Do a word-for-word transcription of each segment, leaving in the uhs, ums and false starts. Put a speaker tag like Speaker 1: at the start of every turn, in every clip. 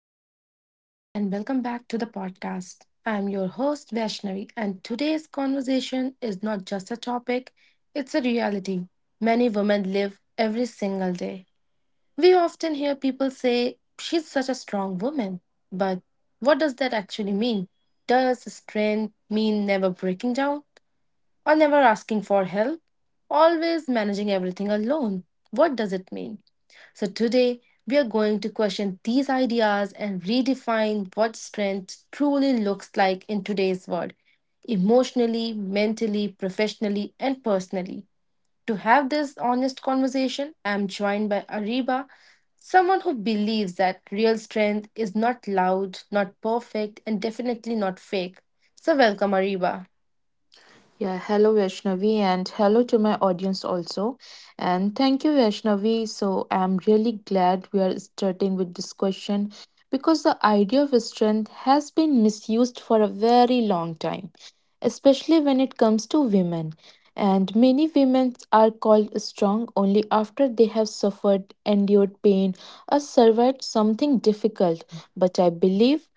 Speaker 1: Hello, everyone, and welcome back to the podcast. I'm your host, Vaishnavi, and today's conversation is not just a topic, it's a reality many women live every single day. We often hear people say, "She's such a strong woman." But what does that actually mean? Does strength mean never breaking down or never asking for help? Always managing everything alone? What does it mean? So today, we are going to question these ideas and redefine what strength truly looks like in today's world, emotionally, mentally, professionally, and personally. To have this honest conversation, I am joined by Ariba, someone who believes that real strength is not loud, not perfect, and definitely not fake. So, welcome, Ariba.
Speaker 2: Yeah, hello Vaishnavi and hello to my audience also. And thank you Vaishnavi. So I'm really glad we are starting with this question because the idea of strength has been misused for a very long time, especially when it comes to women. And many women are called strong only after they have suffered, endured pain, or survived something difficult. But I believe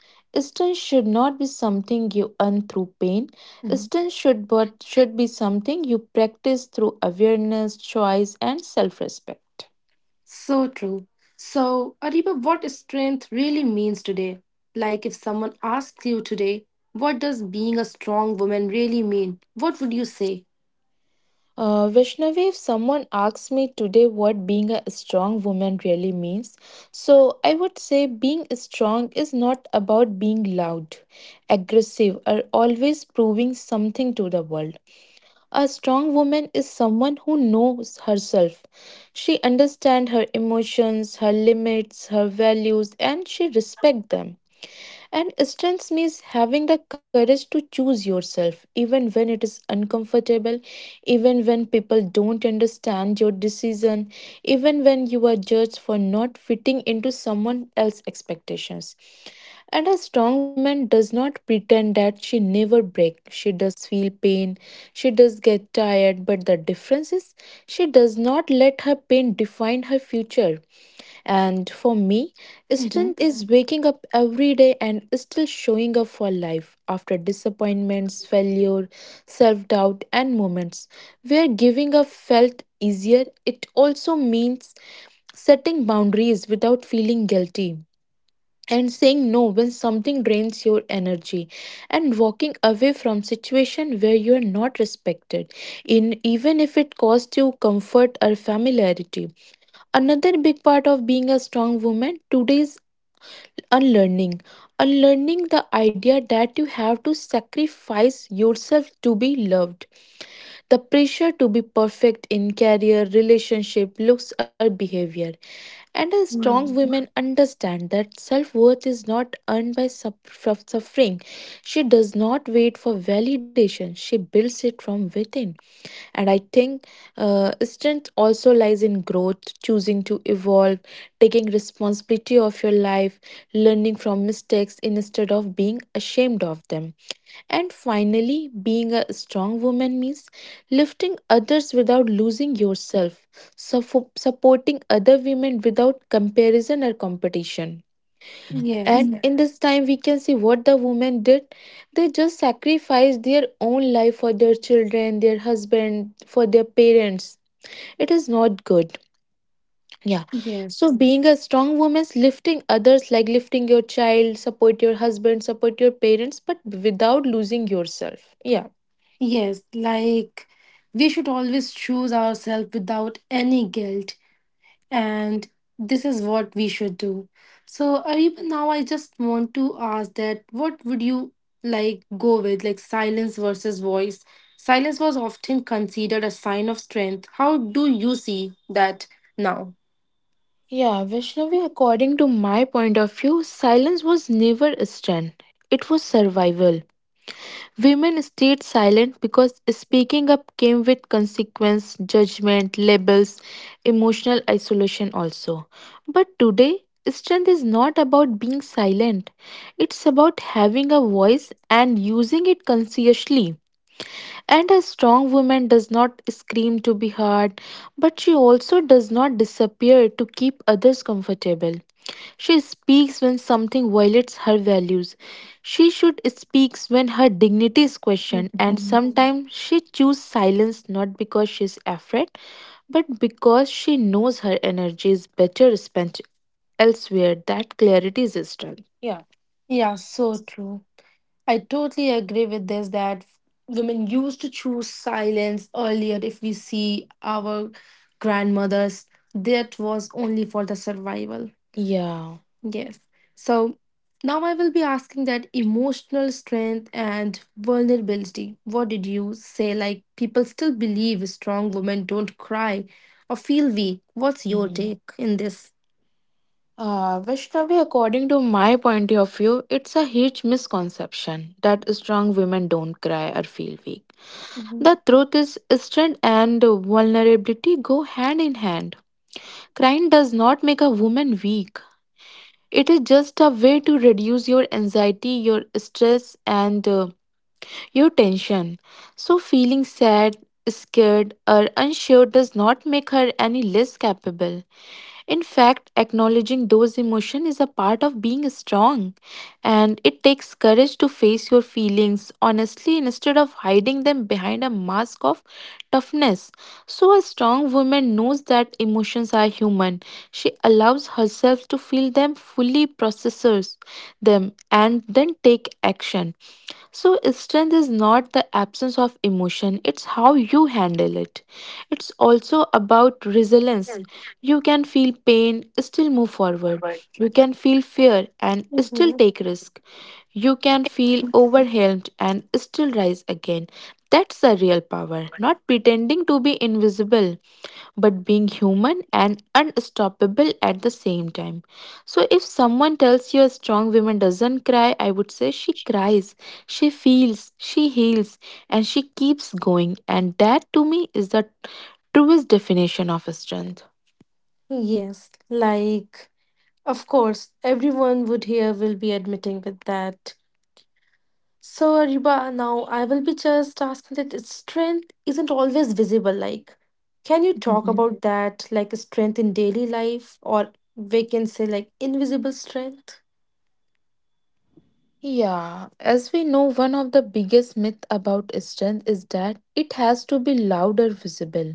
Speaker 2: strength should not be something you earn through pain. Distance should but should be something you practice through awareness, choice, and self-respect.
Speaker 1: So true. So, Ariba, what strength really means today? Like, if someone asks you today, what does being a strong woman really mean? What would you say?
Speaker 2: Uh, Vishnavi, if someone asks me today what being a strong woman really means, so I would say being strong is not about being loud, aggressive, or always proving something to the world. A strong woman is someone who knows herself. She understands her emotions, her limits, her values, and she respects them. And strength means having the courage to choose yourself, even when it is uncomfortable, even when people don't understand your decision, even when you are judged for not fitting into someone else's expectations. And a strong woman does not pretend that she never breaks. She does feel pain. She does get tired. But the difference is she does not let her pain define her future. And for me,
Speaker 1: Mhm.
Speaker 2: strength is waking up every day and still showing up for life after disappointments, failure, self doubt, and moments where giving up felt easier. It also means setting boundaries without feeling guilty and saying no when something drains your energy and walking away from situation where you are not respected in even if it costs you comfort or familiarity, another big part of being a strong woman today, unlearning. Unlearning the idea that you have to sacrifice yourself to be loved. The pressure to be perfect in career, relationship, looks, or behavior. And a strong
Speaker 1: Mm.
Speaker 2: women understand that self worth is not earned by suff- from suffering. She does not wait for validation, she builds it from within. And I think uh, strength also lies in growth, choosing to evolve, taking responsibility of your life, learning from mistakes instead of being ashamed of them. And finally, being a strong woman means lifting others without losing yourself, suffo- supporting other women without comparison or competition.
Speaker 1: Yes,
Speaker 2: And yeah, in this time, we can see what the women did. They just sacrificed their own life for their children, their husband, for their parents. It is not good. Yeah.
Speaker 1: yes,
Speaker 2: So being a strong woman, lifting others like lifting your child, support your husband, support your parents, but without losing yourself. Yeah.
Speaker 1: yes. Like, we should always choose ourselves without any guilt, and this is what we should do. So, Ariba, now I just want to ask that what would you like go with, like silence versus voice? Silence was often considered a sign of strength. How do you see that now?
Speaker 2: Yeah, Vishnavi, according to my point of view, silence was never a strength. It was survival. Women stayed silent because speaking up came with consequence, judgment, labels, emotional isolation also. But today, strength is not about being silent. It's about having a voice and using it consciously. And a strong woman does not scream to be heard, but she also does not disappear to keep others comfortable. She speaks when something violates her values. She should speak when her dignity is questioned, and
Speaker 1: Mhm.
Speaker 2: sometimes she chooses silence not because she is afraid, but because she knows her energy is better spent elsewhere. That clarity is strength. Yeah.
Speaker 1: Yeah, so true. I totally agree with this, that women used to choose silence earlier. If we see our grandmothers, that was only for the survival.
Speaker 2: Yeah.
Speaker 1: Yes. So now I will be asking that emotional strength and vulnerability, what did you say? Like, people still believe strong women don't cry or feel weak. What's your
Speaker 2: Mhm.
Speaker 1: take in this?
Speaker 2: Uh, Vaishnavi, according to my point of view, it's a huge misconception that strong women don't cry or feel weak.
Speaker 1: Mhm.
Speaker 2: The truth is, strength and vulnerability go hand in hand. Crying does not make a woman weak. It is just a way to reduce your anxiety, your stress, and uh, your tension. So, feeling sad, scared, or unsure does not make her any less capable. In fact, acknowledging those emotions is a part of being strong, and it takes courage to face your feelings honestly instead of hiding them behind a mask of toughness. So, a strong woman knows that emotions are human. She allows herself to feel them fully, processes them, and then take action. So, strength is not the absence of emotion, it's how you handle it. It's also about resilience. You can feel pain, still move forward. You can feel fear and still
Speaker 1: Mhm.
Speaker 2: take risk. You can feel overwhelmed and still rise again. That's the real power, not pretending to be invisible, but being human and unstoppable at the same time. So, if someone tells you a strong woman doesn't cry, I would say she cries, she feels, she heals, and she keeps going. And that to me is the truest definition of strength.
Speaker 1: Yes, like, of course, everyone would here will be admitting with that. So, Ariba, now I will be just asking that its strength isn't always visible. Like, can you talk
Speaker 2: Mhm.
Speaker 1: about that, like strength in daily life, or we can say like invisible strength?
Speaker 2: Yeah, as we know, one of the biggest myth about strength is that it has to be loud or visible.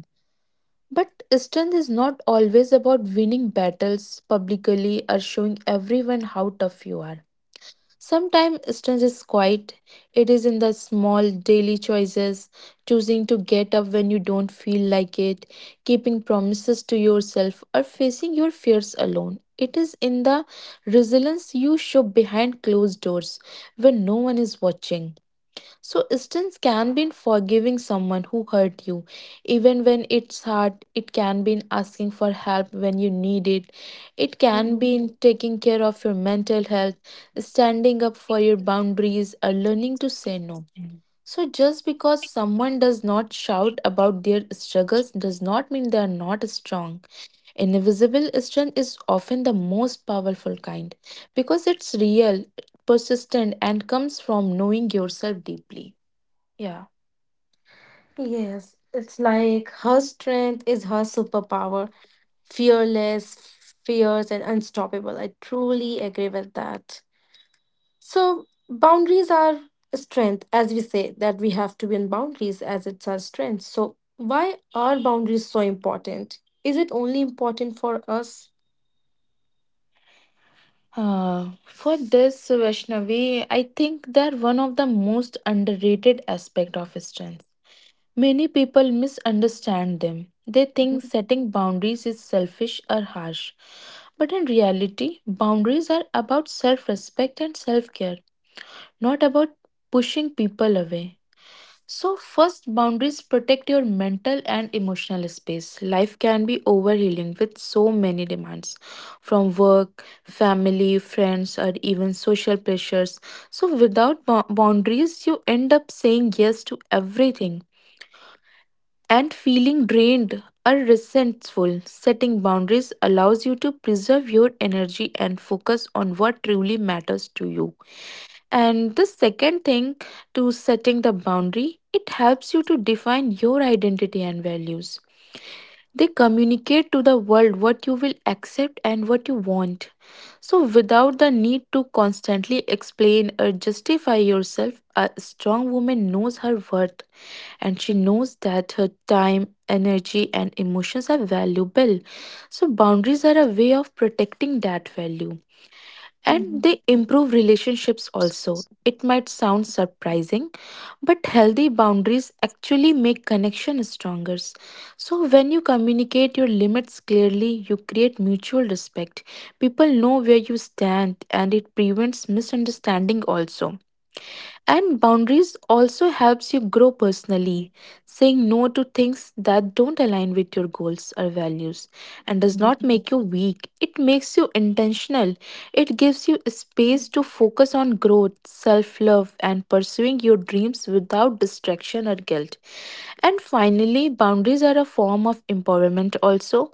Speaker 2: But strength is not always about winning battles publicly or showing everyone how tough you are. Sometimes strength is quiet. It is in the small daily choices, choosing to get up when you don't feel like it, keeping promises to yourself, or facing your fears alone. It is in the resilience you show behind closed doors when no one is watching. So, distance can be in forgiving someone who hurt you, even when it's hard. It can be in asking for help when you need it. It can
Speaker 1: Mhm.
Speaker 2: be in taking care of your mental health, standing up for your boundaries, or learning to say no. So, just because someone does not shout about their struggles does not mean they are not strong. Invisible strength is often the most powerful kind because it's real, persistent, and comes from knowing yourself deeply. Yeah.
Speaker 1: Yes, it's like her strength is her superpower, fearless, fierce, and unstoppable. I truly agree with that. So boundaries are a strength, as we say that we have to be in boundaries as it's our strength. So why are boundaries so important? Is it only important for us?
Speaker 2: Uh, for this, Vaishnavi, I think they're one of the most underrated aspect of strength. Many people misunderstand them. They think
Speaker 1: Mhm.
Speaker 2: setting boundaries is selfish or harsh. But in reality, boundaries are about self respect and self care, not about pushing people away. So, first, boundaries protect your mental and emotional space. Life can be overwhelming with so many demands from work, family, friends, or even social pressures. So, without bou- boundaries, you end up saying yes to everything and feeling drained or resentful. Setting boundaries allows you to preserve your energy and focus on what truly matters to you. And the second thing to setting the boundary, it helps you to define your identity and values. They communicate to the world what you will accept and what you want. So, without the need to constantly explain or justify yourself, a strong woman knows her worth and she knows that her time, energy, and emotions are valuable. So, boundaries are a way of protecting that value and they improve relationships also. It might sound surprising, but healthy boundaries actually make connection stronger. So when you communicate your limits clearly, you create mutual respect. People know where you stand and it prevents misunderstanding also. And boundaries also helps you grow personally. Saying no to things that don't align with your goals or values and does not make you weak. It makes you intentional. It gives you space to focus on growth, self-love and pursuing your dreams without distraction or guilt. And finally, boundaries are a form of empowerment also.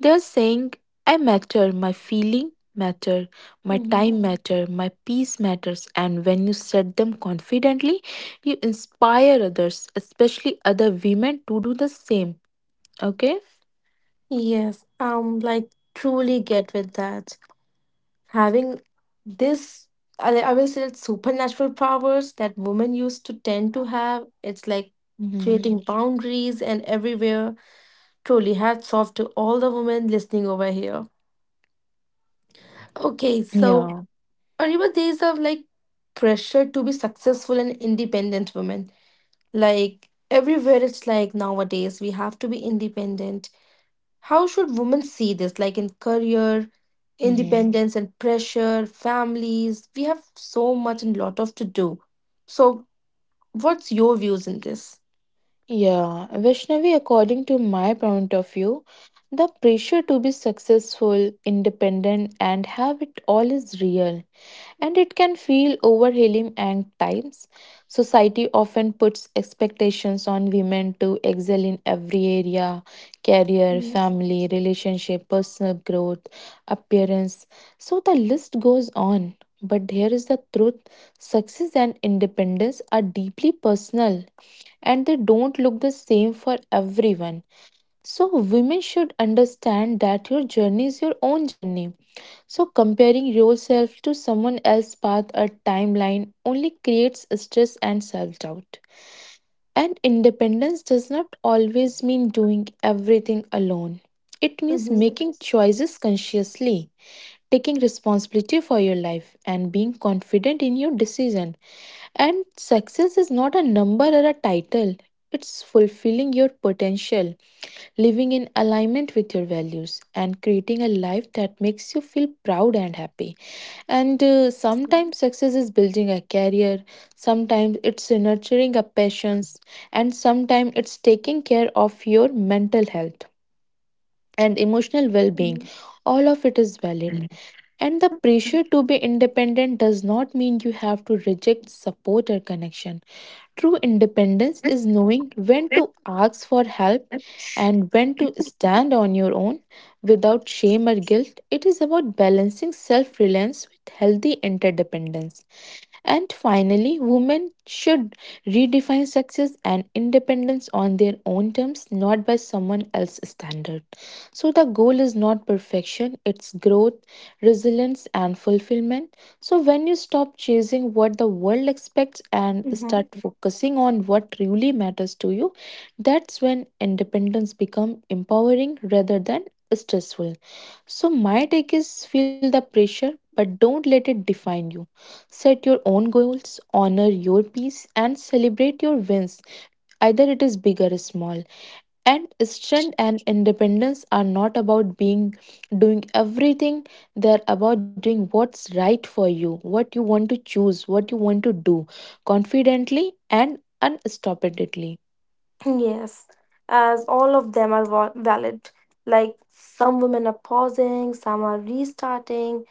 Speaker 2: They're saying, I matter, my feeling matter, my
Speaker 1: Hmm.
Speaker 2: time matter, my peace matters. And when you said them confidently, you inspire others, especially other women to do the same. Okay?
Speaker 1: Yes, um, like truly get with that. Having this, I, I will say, it's supernatural powers that women used to tend to have. It's like
Speaker 2: Hmm.
Speaker 1: creating boundaries and everywhere. Truly hats off to all the women listening over here. Okay, so
Speaker 2: Yeah.
Speaker 1: or even days of like pressure to be successful and independent women. Like everywhere it's like nowadays we have to be independent. How should women see this? Like in career,
Speaker 2: Hmm.
Speaker 1: independence and pressure, families. We have so much and lot of to do. So what's your views in this?
Speaker 2: Yeah. Vaishnavi, according to my point of view, the pressure to be successful, independent, and have it all is real, and it can feel overwhelming at times. Society often puts expectations on women to excel in every area, career, family, relationship, personal growth, appearance. So the list goes on. But here is the truth, success and independence are deeply personal and they don't look the same for everyone. So, women should understand that your journey is your own journey. So, comparing yourself to someone else's path or timeline only creates stress and self doubt. And independence does not always mean doing everything alone, it means
Speaker 1: Mm-hmm.
Speaker 2: making choices consciously, taking responsibility for your life and being confident in your decision. And success is not a number or a title. It's fulfilling your potential, living in alignment with your values, and creating a life that makes you feel proud and happy. And uh, sometimes success is building a career, sometimes it's nurturing a passions, and sometimes it's taking care of your mental health and emotional well being. All of it is valid. And the pressure to be independent does not mean you have to reject support or connection. True independence is knowing when to ask for help and when to stand on your own without shame or guilt. It is about balancing self reliance with healthy interdependence. And finally, women should redefine success and independence on their own terms, not by someone else's standard. So, the goal is not perfection, it's growth, resilience, and fulfillment. So, when you stop chasing what the world expects and start
Speaker 1: Mhm.
Speaker 2: focusing on what truly matters to you, that's when independence becomes empowering rather than stressful. So, my take is feel the pressure, but don't let it define you. Set your own goals, honor your peace, and celebrate your wins, either it is big or small. And strength and independence are not about being doing everything, they're about doing what's right for you, what you want to choose, what you want to do confidently and unstoppably.
Speaker 1: Yes, as all of them are val- valid. Like some women are pausing, some are restarting.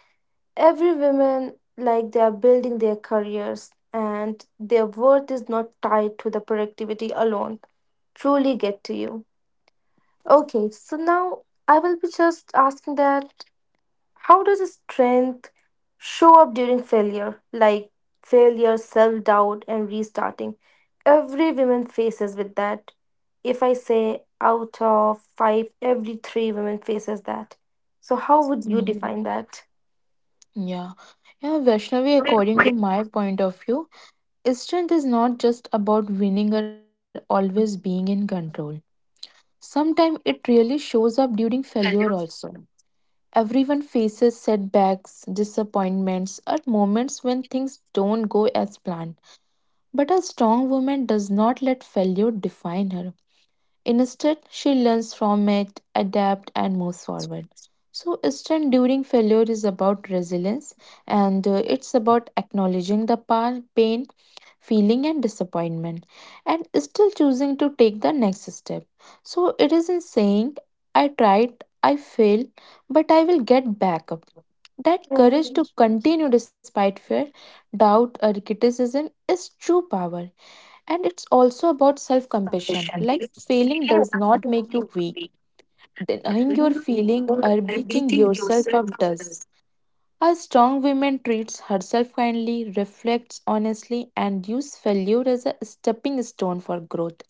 Speaker 1: Every woman, like they are building their careers, and their worth is not tied to the productivity alone. Truly get to you. Okay, so now I will be just asking that how does strength show up during failure? Like failure, self doubt, and restarting. Every woman faces with that. If I say out of five, every three women faces that. So how would you
Speaker 2: Mm,
Speaker 1: define that?
Speaker 2: Yeah. Yeah, Vaishnavi, according to my point of view, strength is not just about winning or always being in control. Sometimes it really shows up during failure also. Everyone faces setbacks, disappointments, or moments when things don't go as planned. But a strong woman does not let failure define her. Instead, she learns from it, adapts, and moves forward. So, strength during failure is about resilience, and uh, it's about acknowledging the pa- pain, feeling, and disappointment, and still choosing to take the next step. So it isn't saying I tried, I failed, but I will get back up. That courage to
Speaker 1: Mhm.
Speaker 2: continue despite fear, doubt, or criticism is true power. And it's also about self compassion. Like failing does not make you weak, denying your feeling or beating yourself up does. A strong woman treats herself kindly, reflects honestly, and uses failure as a stepping stone for growth.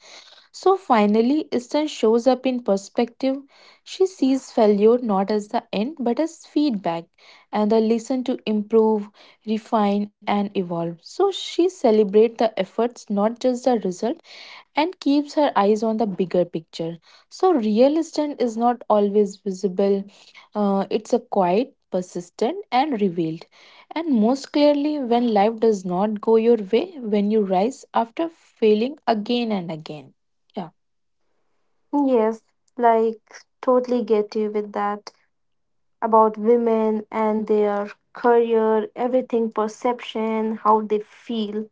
Speaker 2: So finally, Eastern shows up in perspective. She sees failure not as the end but as feedback and the lesson to improve, refine, and evolve. So she celebrates the efforts, not just the result, and keeps her eyes on the bigger picture. So real Eastern is not always visible, uh, it's a quiet, persistent, and revealed. And most clearly, when life does not go your way, when you rise after failing again and again. Yeah.
Speaker 1: Yes, like totally get you with that about women and their career, everything, perception, how they feel.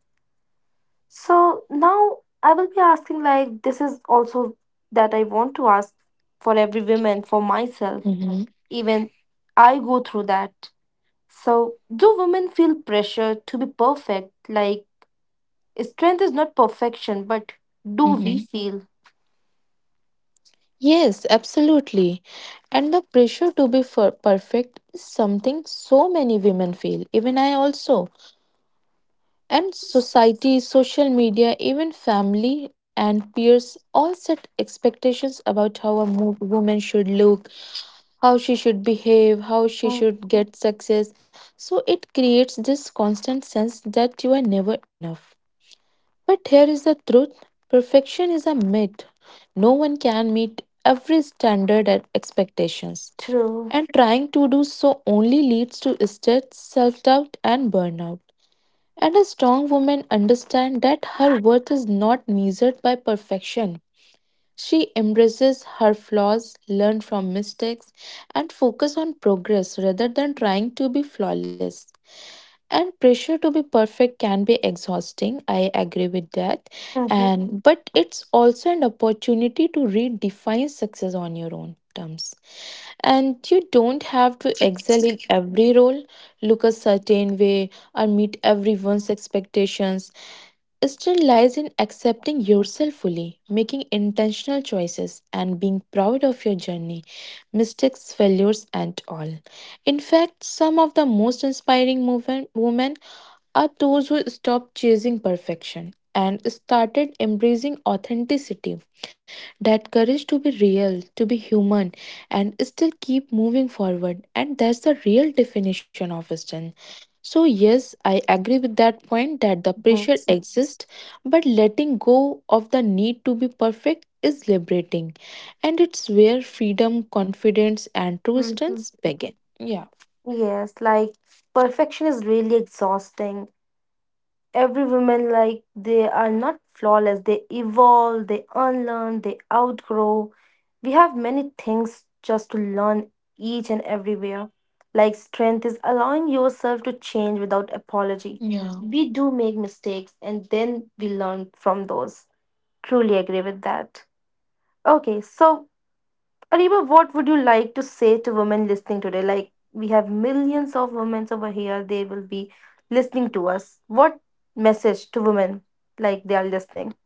Speaker 1: So now I will be asking like this is also that I want to ask for every woman for myself.
Speaker 2: Mm-hmm.
Speaker 1: Even I go through that. So do women feel pressure to be perfect? Like strength is not perfection, but do we
Speaker 2: Mm-hmm.
Speaker 1: feel?
Speaker 2: Yes, absolutely. And the pressure to be fer- perfect is something so many women feel, even I also. And society, social media, even family and peers all set expectations about how a mo- woman should look, how she should behave, how she
Speaker 1: Mm.
Speaker 2: should get success. So it creates this constant sense that you are never enough. But here is the truth: perfection is a myth. No one can meet every standard and expectations.
Speaker 1: True.
Speaker 2: And trying to do so only leads to stress, self doubt, and burnout. And a strong woman understands that her worth is not measured by perfection. She embraces her flaws, learns from mistakes, and focus on progress rather than trying to be flawless. And pressure to be perfect can be exhausting, I agree with that.
Speaker 1: Mhm,
Speaker 2: And but it's also an opportunity to redefine success on your own terms. And you don't have to excel in every role, look a certain way, or meet everyone's expectations. Still lies in accepting yourself fully, making intentional choices, and being proud of your journey, mistakes, failures, and all. In fact, some of the most inspiring movement, women, are those who stopped chasing perfection and started embracing authenticity. That courage to be real, to be human, and still keep moving forward. And that's the real definition of strength. So, yes, I agree with that point that the
Speaker 1: mhm,
Speaker 2: pressure exists, but letting go of the need to be perfect is liberating. And it's where freedom, confidence, and true
Speaker 1: mhm.
Speaker 2: strength begin. Yeah.
Speaker 1: Yes, like perfection is really exhausting. Every woman, like they are not flawless, they evolve, they unlearn, they outgrow. We have many things just to learn, each and everywhere. Like strength is allowing yourself to change without apology.
Speaker 2: Yeah.
Speaker 1: We do make mistakes and then we learn from those. Truly agree with that. Okay, so Ariba, what would you like to say to women listening today? Like, we have millions of women over here. They will be listening to us. What message to women like they are listening?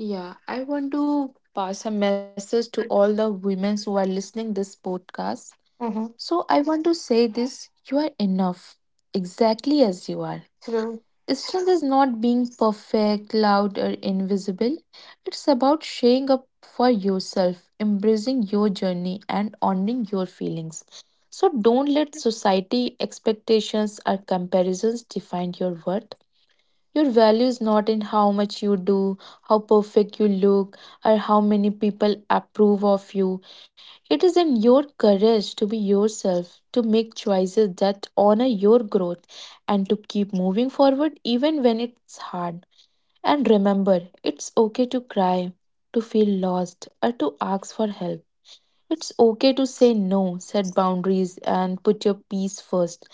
Speaker 2: Yeah. I want to pass a message to all the women who are listening this podcast.
Speaker 1: Mm-hmm.
Speaker 2: So I want to say this: you are enough, exactly as you are.
Speaker 1: True.
Speaker 2: Strength is not being perfect, loud, or invisible. It's about showing up for yourself, embracing your journey, and honoring your feelings. So don't let society expectations or comparisons define your worth. Your value is not in how much you do, how perfect you look, or how many people approve of you. It is in your courage to be yourself, to make choices that honor your growth, and to keep moving forward even when it's hard. And remember, it's okay to cry, to feel lost, or to ask for help. It's okay to say no, set boundaries, and put your peace first,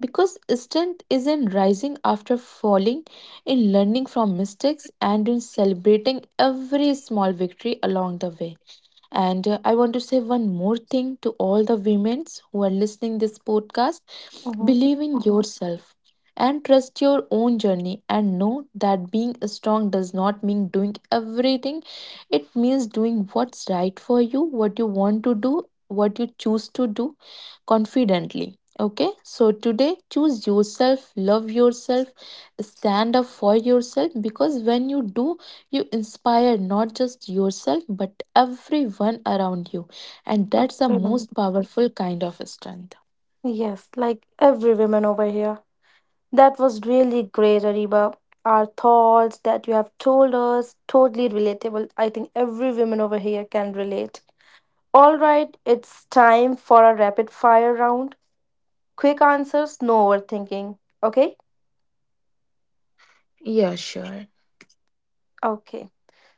Speaker 2: because strength is in rising after falling, in learning from mistakes, and in celebrating every small victory along the way. And uh, I want to say one more thing to all the women who are listening this podcast.
Speaker 1: Mm-hmm.
Speaker 2: Believe in yourself and trust your own journey and know that being strong does not mean doing everything. It means doing what's right for you, what you want to do, what you choose to do confidently. Okay, so today choose yourself, love yourself, stand up for yourself, because when you do, you inspire not just yourself, but everyone around you. And that's the
Speaker 1: Absolutely.
Speaker 2: most powerful kind of strength.
Speaker 1: Yes, like every woman over here. That was really great, Ariba. Our thoughts that you have told us, totally relatable. I think every woman over here can relate. All right, it's time for a rapid fire round. Quick answers, no overthinking. Okay?
Speaker 2: Yeah, sure.
Speaker 1: Okay.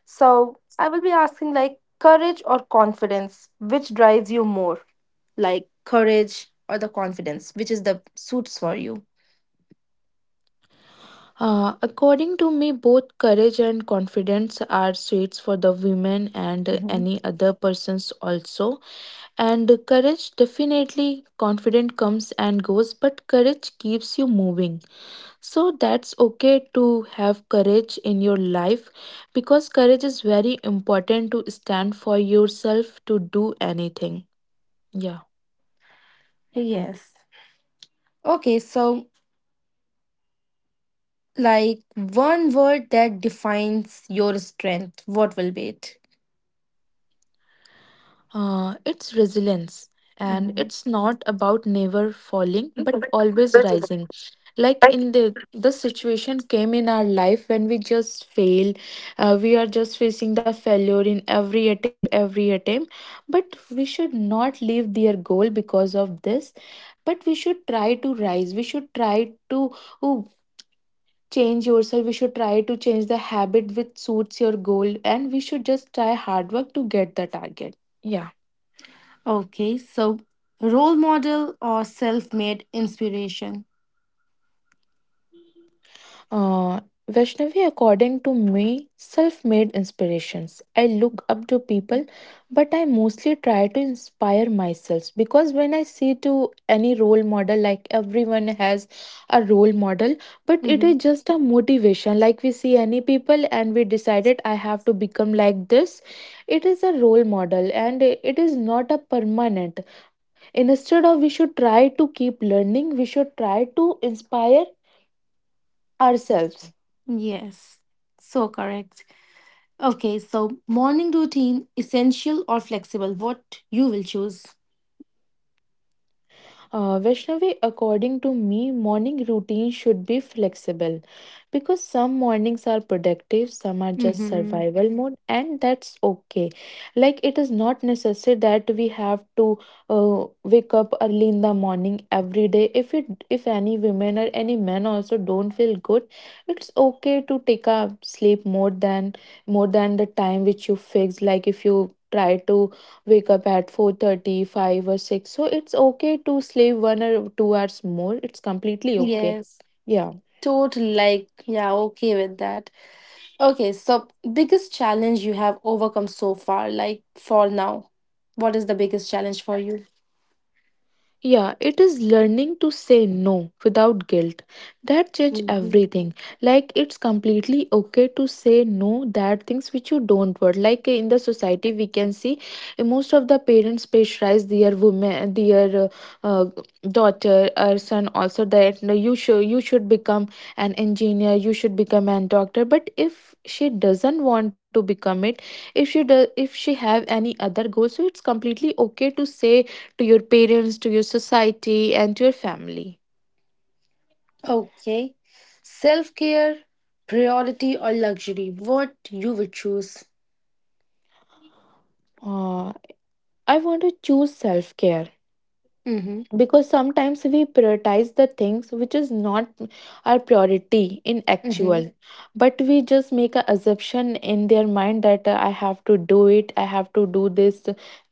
Speaker 1: So I will be asking like courage or confidence, which drives you more? Like courage or the confidence, which is the suits for you?
Speaker 2: Uh, according to me, both courage and confidence are traits for the women and
Speaker 1: Hmm.
Speaker 2: any other persons also. And courage, definitely confident comes and goes, but courage keeps you moving. So that's okay to have courage in your life, because courage is very important to stand for yourself, to do anything. Yeah.
Speaker 1: Yes. Okay, so like one word that defines your strength, what will be it?
Speaker 2: Uh, it's resilience, and
Speaker 1: Mhm.
Speaker 2: it's not about never falling but always rising. Like in the the situation came in our life when we just fail, uh, we are just facing the failure in every attempt, every attempt. But we should not leave their goal because of this. But we should try to rise. We should try to oh, change yourself. We should try to change the habit which suits your goal, and we should just try hard work to get the target. Yeah.
Speaker 1: Okay, so role model or self made inspiration?
Speaker 2: Uh, Vaishnavi, according to me, self made inspirations. I look up to people, but I mostly try to inspire myself, because when I see to any role model, like everyone has a role model, but it
Speaker 1: Hmm.
Speaker 2: is just a motivation. Like we see any people and we decided I have to become like this. It is a role model and it is not a permanent. Instead of we should try to keep learning, we should try to inspire ourselves.
Speaker 1: Yes, so correct. Okay, so morning routine, essential or flexible, what you will choose.
Speaker 2: Uh, Vaishnavi, according to me, morning routine should be flexible because some mornings are productive, some are just
Speaker 1: Mm-hmm.
Speaker 2: survival mode, and that's okay. Like, it is not necessary that we have to uh, wake up early in the morning every day. If it, if any women or any men also don't feel good, it's okay to take a sleep more than more than the time which you fix. Like, if you try to wake up at four thirty, five or six. So it's okay to sleep one or two hours more. It's completely okay.
Speaker 1: Yes,
Speaker 2: Yeah.
Speaker 1: totally like, yeah, okay with that. Okay, so biggest challenge you have overcome so far, like for now, what is the biggest challenge for you?
Speaker 2: Yeah, it is learning to say no without guilt. That change everything. Like it's completely okay to say no that things which you don't want. Like in the society we can see uh, most of the parents pressurize their women, their uh, uh, daughter or son also that no, you should you should become an engineer, you should become a doctor. But if she doesn't want to become it, if she does if she have any other goal, so it's completely okay to say to your parents, to your society, and to your family.
Speaker 1: Okay, self care, priority or luxury, what you will choose.
Speaker 2: Uh, I want to choose self care,
Speaker 1: Mm-hmm.
Speaker 2: because sometimes we prioritize the things which is not our priority in
Speaker 1: Mm-hmm.
Speaker 2: actual, but we just make a assumption in their mind that uh, I have to do it, I have to do this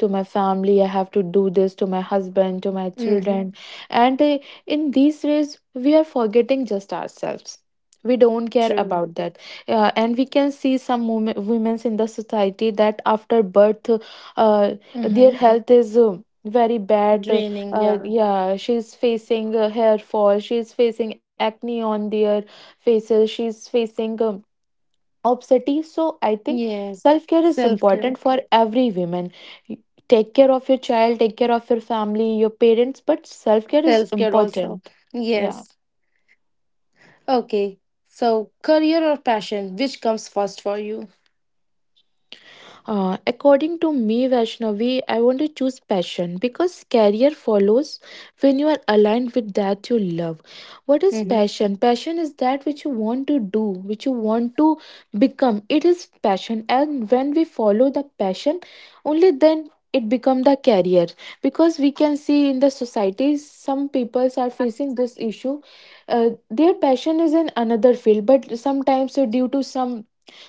Speaker 2: to my family, I have to do this to my husband, to my
Speaker 1: Mm-hmm.
Speaker 2: children. And uh, in these ways we are forgetting just ourselves, we don't care
Speaker 1: True.
Speaker 2: about that. uh, and we can see some women women's in the society that after birth, uh, their
Speaker 1: Mm-hmm.
Speaker 2: health is uh, very bad.
Speaker 1: Draining,
Speaker 2: uh,
Speaker 1: yeah.
Speaker 2: yeah, she's facing uh, hair fall, she's facing acne on their faces, she's facing um, obesity. So I think
Speaker 1: Yes.
Speaker 2: self care is
Speaker 1: Self care.
Speaker 2: important for Exactly. every woman. Y- Take care of your child, take care of your family, your parents, but self care is
Speaker 1: Self care also.
Speaker 2: important. Yeah.
Speaker 1: Yes. Okay. So, career or passion, which comes first for you?
Speaker 2: Uh, according to me, Vaishnavi, I want to choose passion because career follows when you are aligned with that you love. What is
Speaker 1: Mm-hmm.
Speaker 2: passion? Passion is that which you want to do, which you want to become. It is passion, and when we follow the passion, only then it become the career, because we can see in the society some peoples are facing this issue. uh, their passion is in another field, but sometimes uh, due to some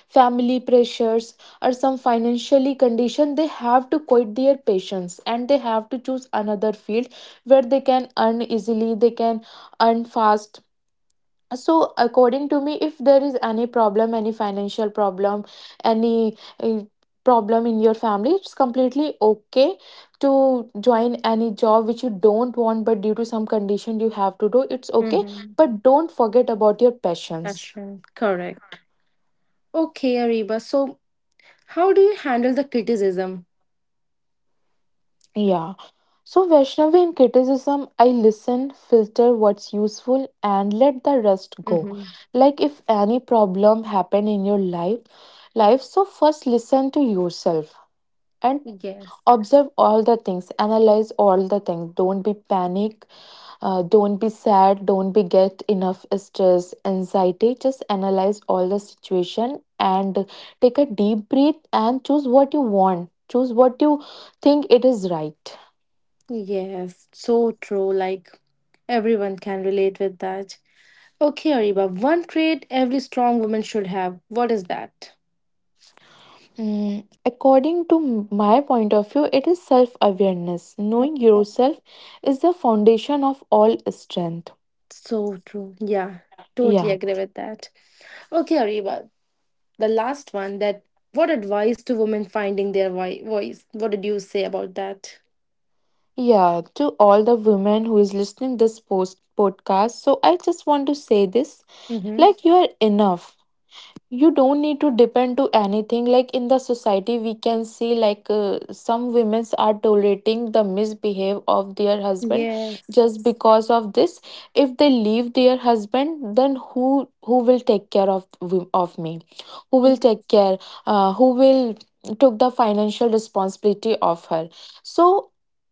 Speaker 2: family pressures or some financially condition they have to quit their patients and they have to choose another field where they can earn easily, they can earn fast. So according to me, if there is any problem, any financial problem, any uh, problem in your family, it's completely okay to join any job which you don't want, but due to some condition you have to do, it's okay,
Speaker 1: Mm-hmm.
Speaker 2: but don't forget about your passions.
Speaker 1: Passion. Correct. Okay, Ariba. So, how do you handle the criticism?
Speaker 2: Yeah. So, Vaishnavi, in criticism, I listen, filter what's useful, and let the rest go.
Speaker 1: Mm-hmm.
Speaker 2: Like if any problem happen in your life, life, so first listen to yourself and
Speaker 1: Yes.
Speaker 2: observe all the things, analyze all the things. Don't be panic, uh, don't be sad, don't be get enough stress, anxiety. Just analyze all the situation and take a deep breath and choose what you want. Choose what you think it is right.
Speaker 1: Yes. So true. Like, everyone can relate with that. Okay, Ariba. One trait every strong woman should have. What is that?
Speaker 2: Mm, according to m- my point of view, it is self awareness. Knowing yourself is the foundation of all strength.
Speaker 1: So true. Yeah. Totally
Speaker 2: Yeah.
Speaker 1: agree with that. Okay, Ariba, the last one, that what advice to women finding their voi- voice? What did you say about that?
Speaker 2: Yeah. To all the women who is listening this post podcast. So I just want to say this,
Speaker 1: Mm-hmm.
Speaker 2: like you are enough. You don't need to depend to anything. Like in the society we can see, like uh, some women are tolerating the misbehave of their husband,
Speaker 1: Yes.
Speaker 2: just because of this, if they leave their husband, then who who will take care of of me, who will take care, uh, who will took the financial responsibility of her. So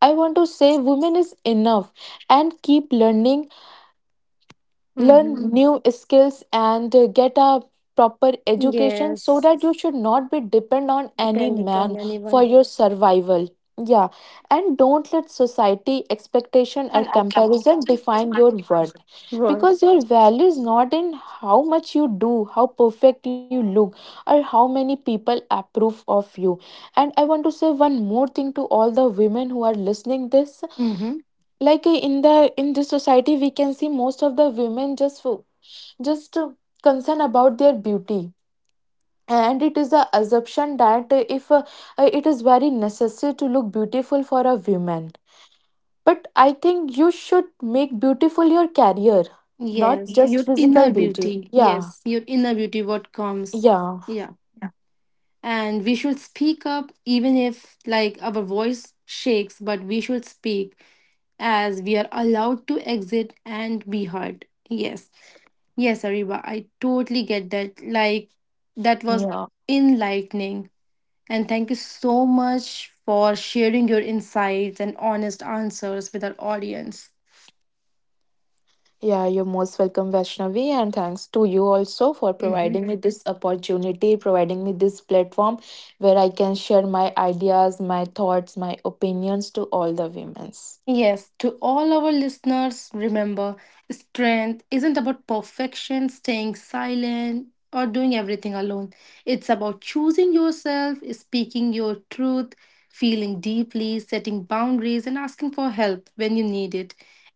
Speaker 2: I want to say women is enough, and keep learning,
Speaker 1: Mm-hmm.
Speaker 2: learn new skills, and uh, get a proper education so
Speaker 1: Yes.
Speaker 2: that you should not be depend on any
Speaker 1: Depending on
Speaker 2: man for
Speaker 1: anyone.
Speaker 2: your survival. Yeah. And don't let society expectation or comparison define your worth,
Speaker 1: Work.
Speaker 2: because your value is not in how much you do, how perfect you look, or how many people approve of you. And I want to say one more thing to all the women who are listening this,
Speaker 1: Mm-hmm.
Speaker 2: like uh, in the in this society we can see most of the women just fo- just uh, concerned about their beauty. And it is the assumption that uh, if uh, uh, it is very necessary to look beautiful for a woman. But I think you should make beautiful your career, not Yes.
Speaker 1: Yes.
Speaker 2: just
Speaker 1: Your
Speaker 2: physical
Speaker 1: inner
Speaker 2: beauty.
Speaker 1: beauty.
Speaker 2: Yeah.
Speaker 1: Yes. Your inner beauty, what comes.
Speaker 2: Yeah.
Speaker 1: Yeah. And we should speak up, even if like our voice shakes, but we should speak, as we are allowed to exit and be heard. Yes. Yes, Ariba, I totally get that. Like, that was
Speaker 2: Yeah.
Speaker 1: enlightening. And thank you so much for sharing your insights and honest answers with our audience.
Speaker 2: Yeah, you're most welcome, Vaishnavi, and thanks to you also for providing me this opportunity, providing me this platform where I can share my ideas, my thoughts, my opinions to all the women.
Speaker 1: Yes, to all our listeners, remember, strength isn't about perfection, staying silent, or doing everything alone. It's about choosing yourself, speaking your truth, feeling deeply, setting boundaries, and asking for help when you need it.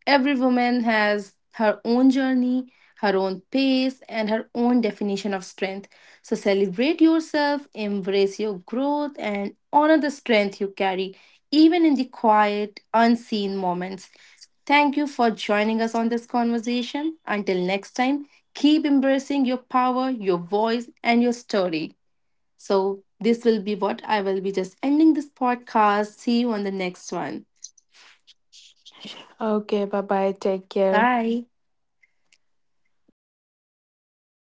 Speaker 1: Every woman has her own journey, her own pace, and her own definition of strength. So celebrate yourself, embrace your growth, and honor the strength you carry even in the quiet, unseen moments. Thank you for joining us on this conversation. Until next time, keep embracing your power, your voice, and your story. So, this will be what I will be just ending this podcast. See you on the next one.
Speaker 2: Okay, bye bye. Take care.
Speaker 1: Bye.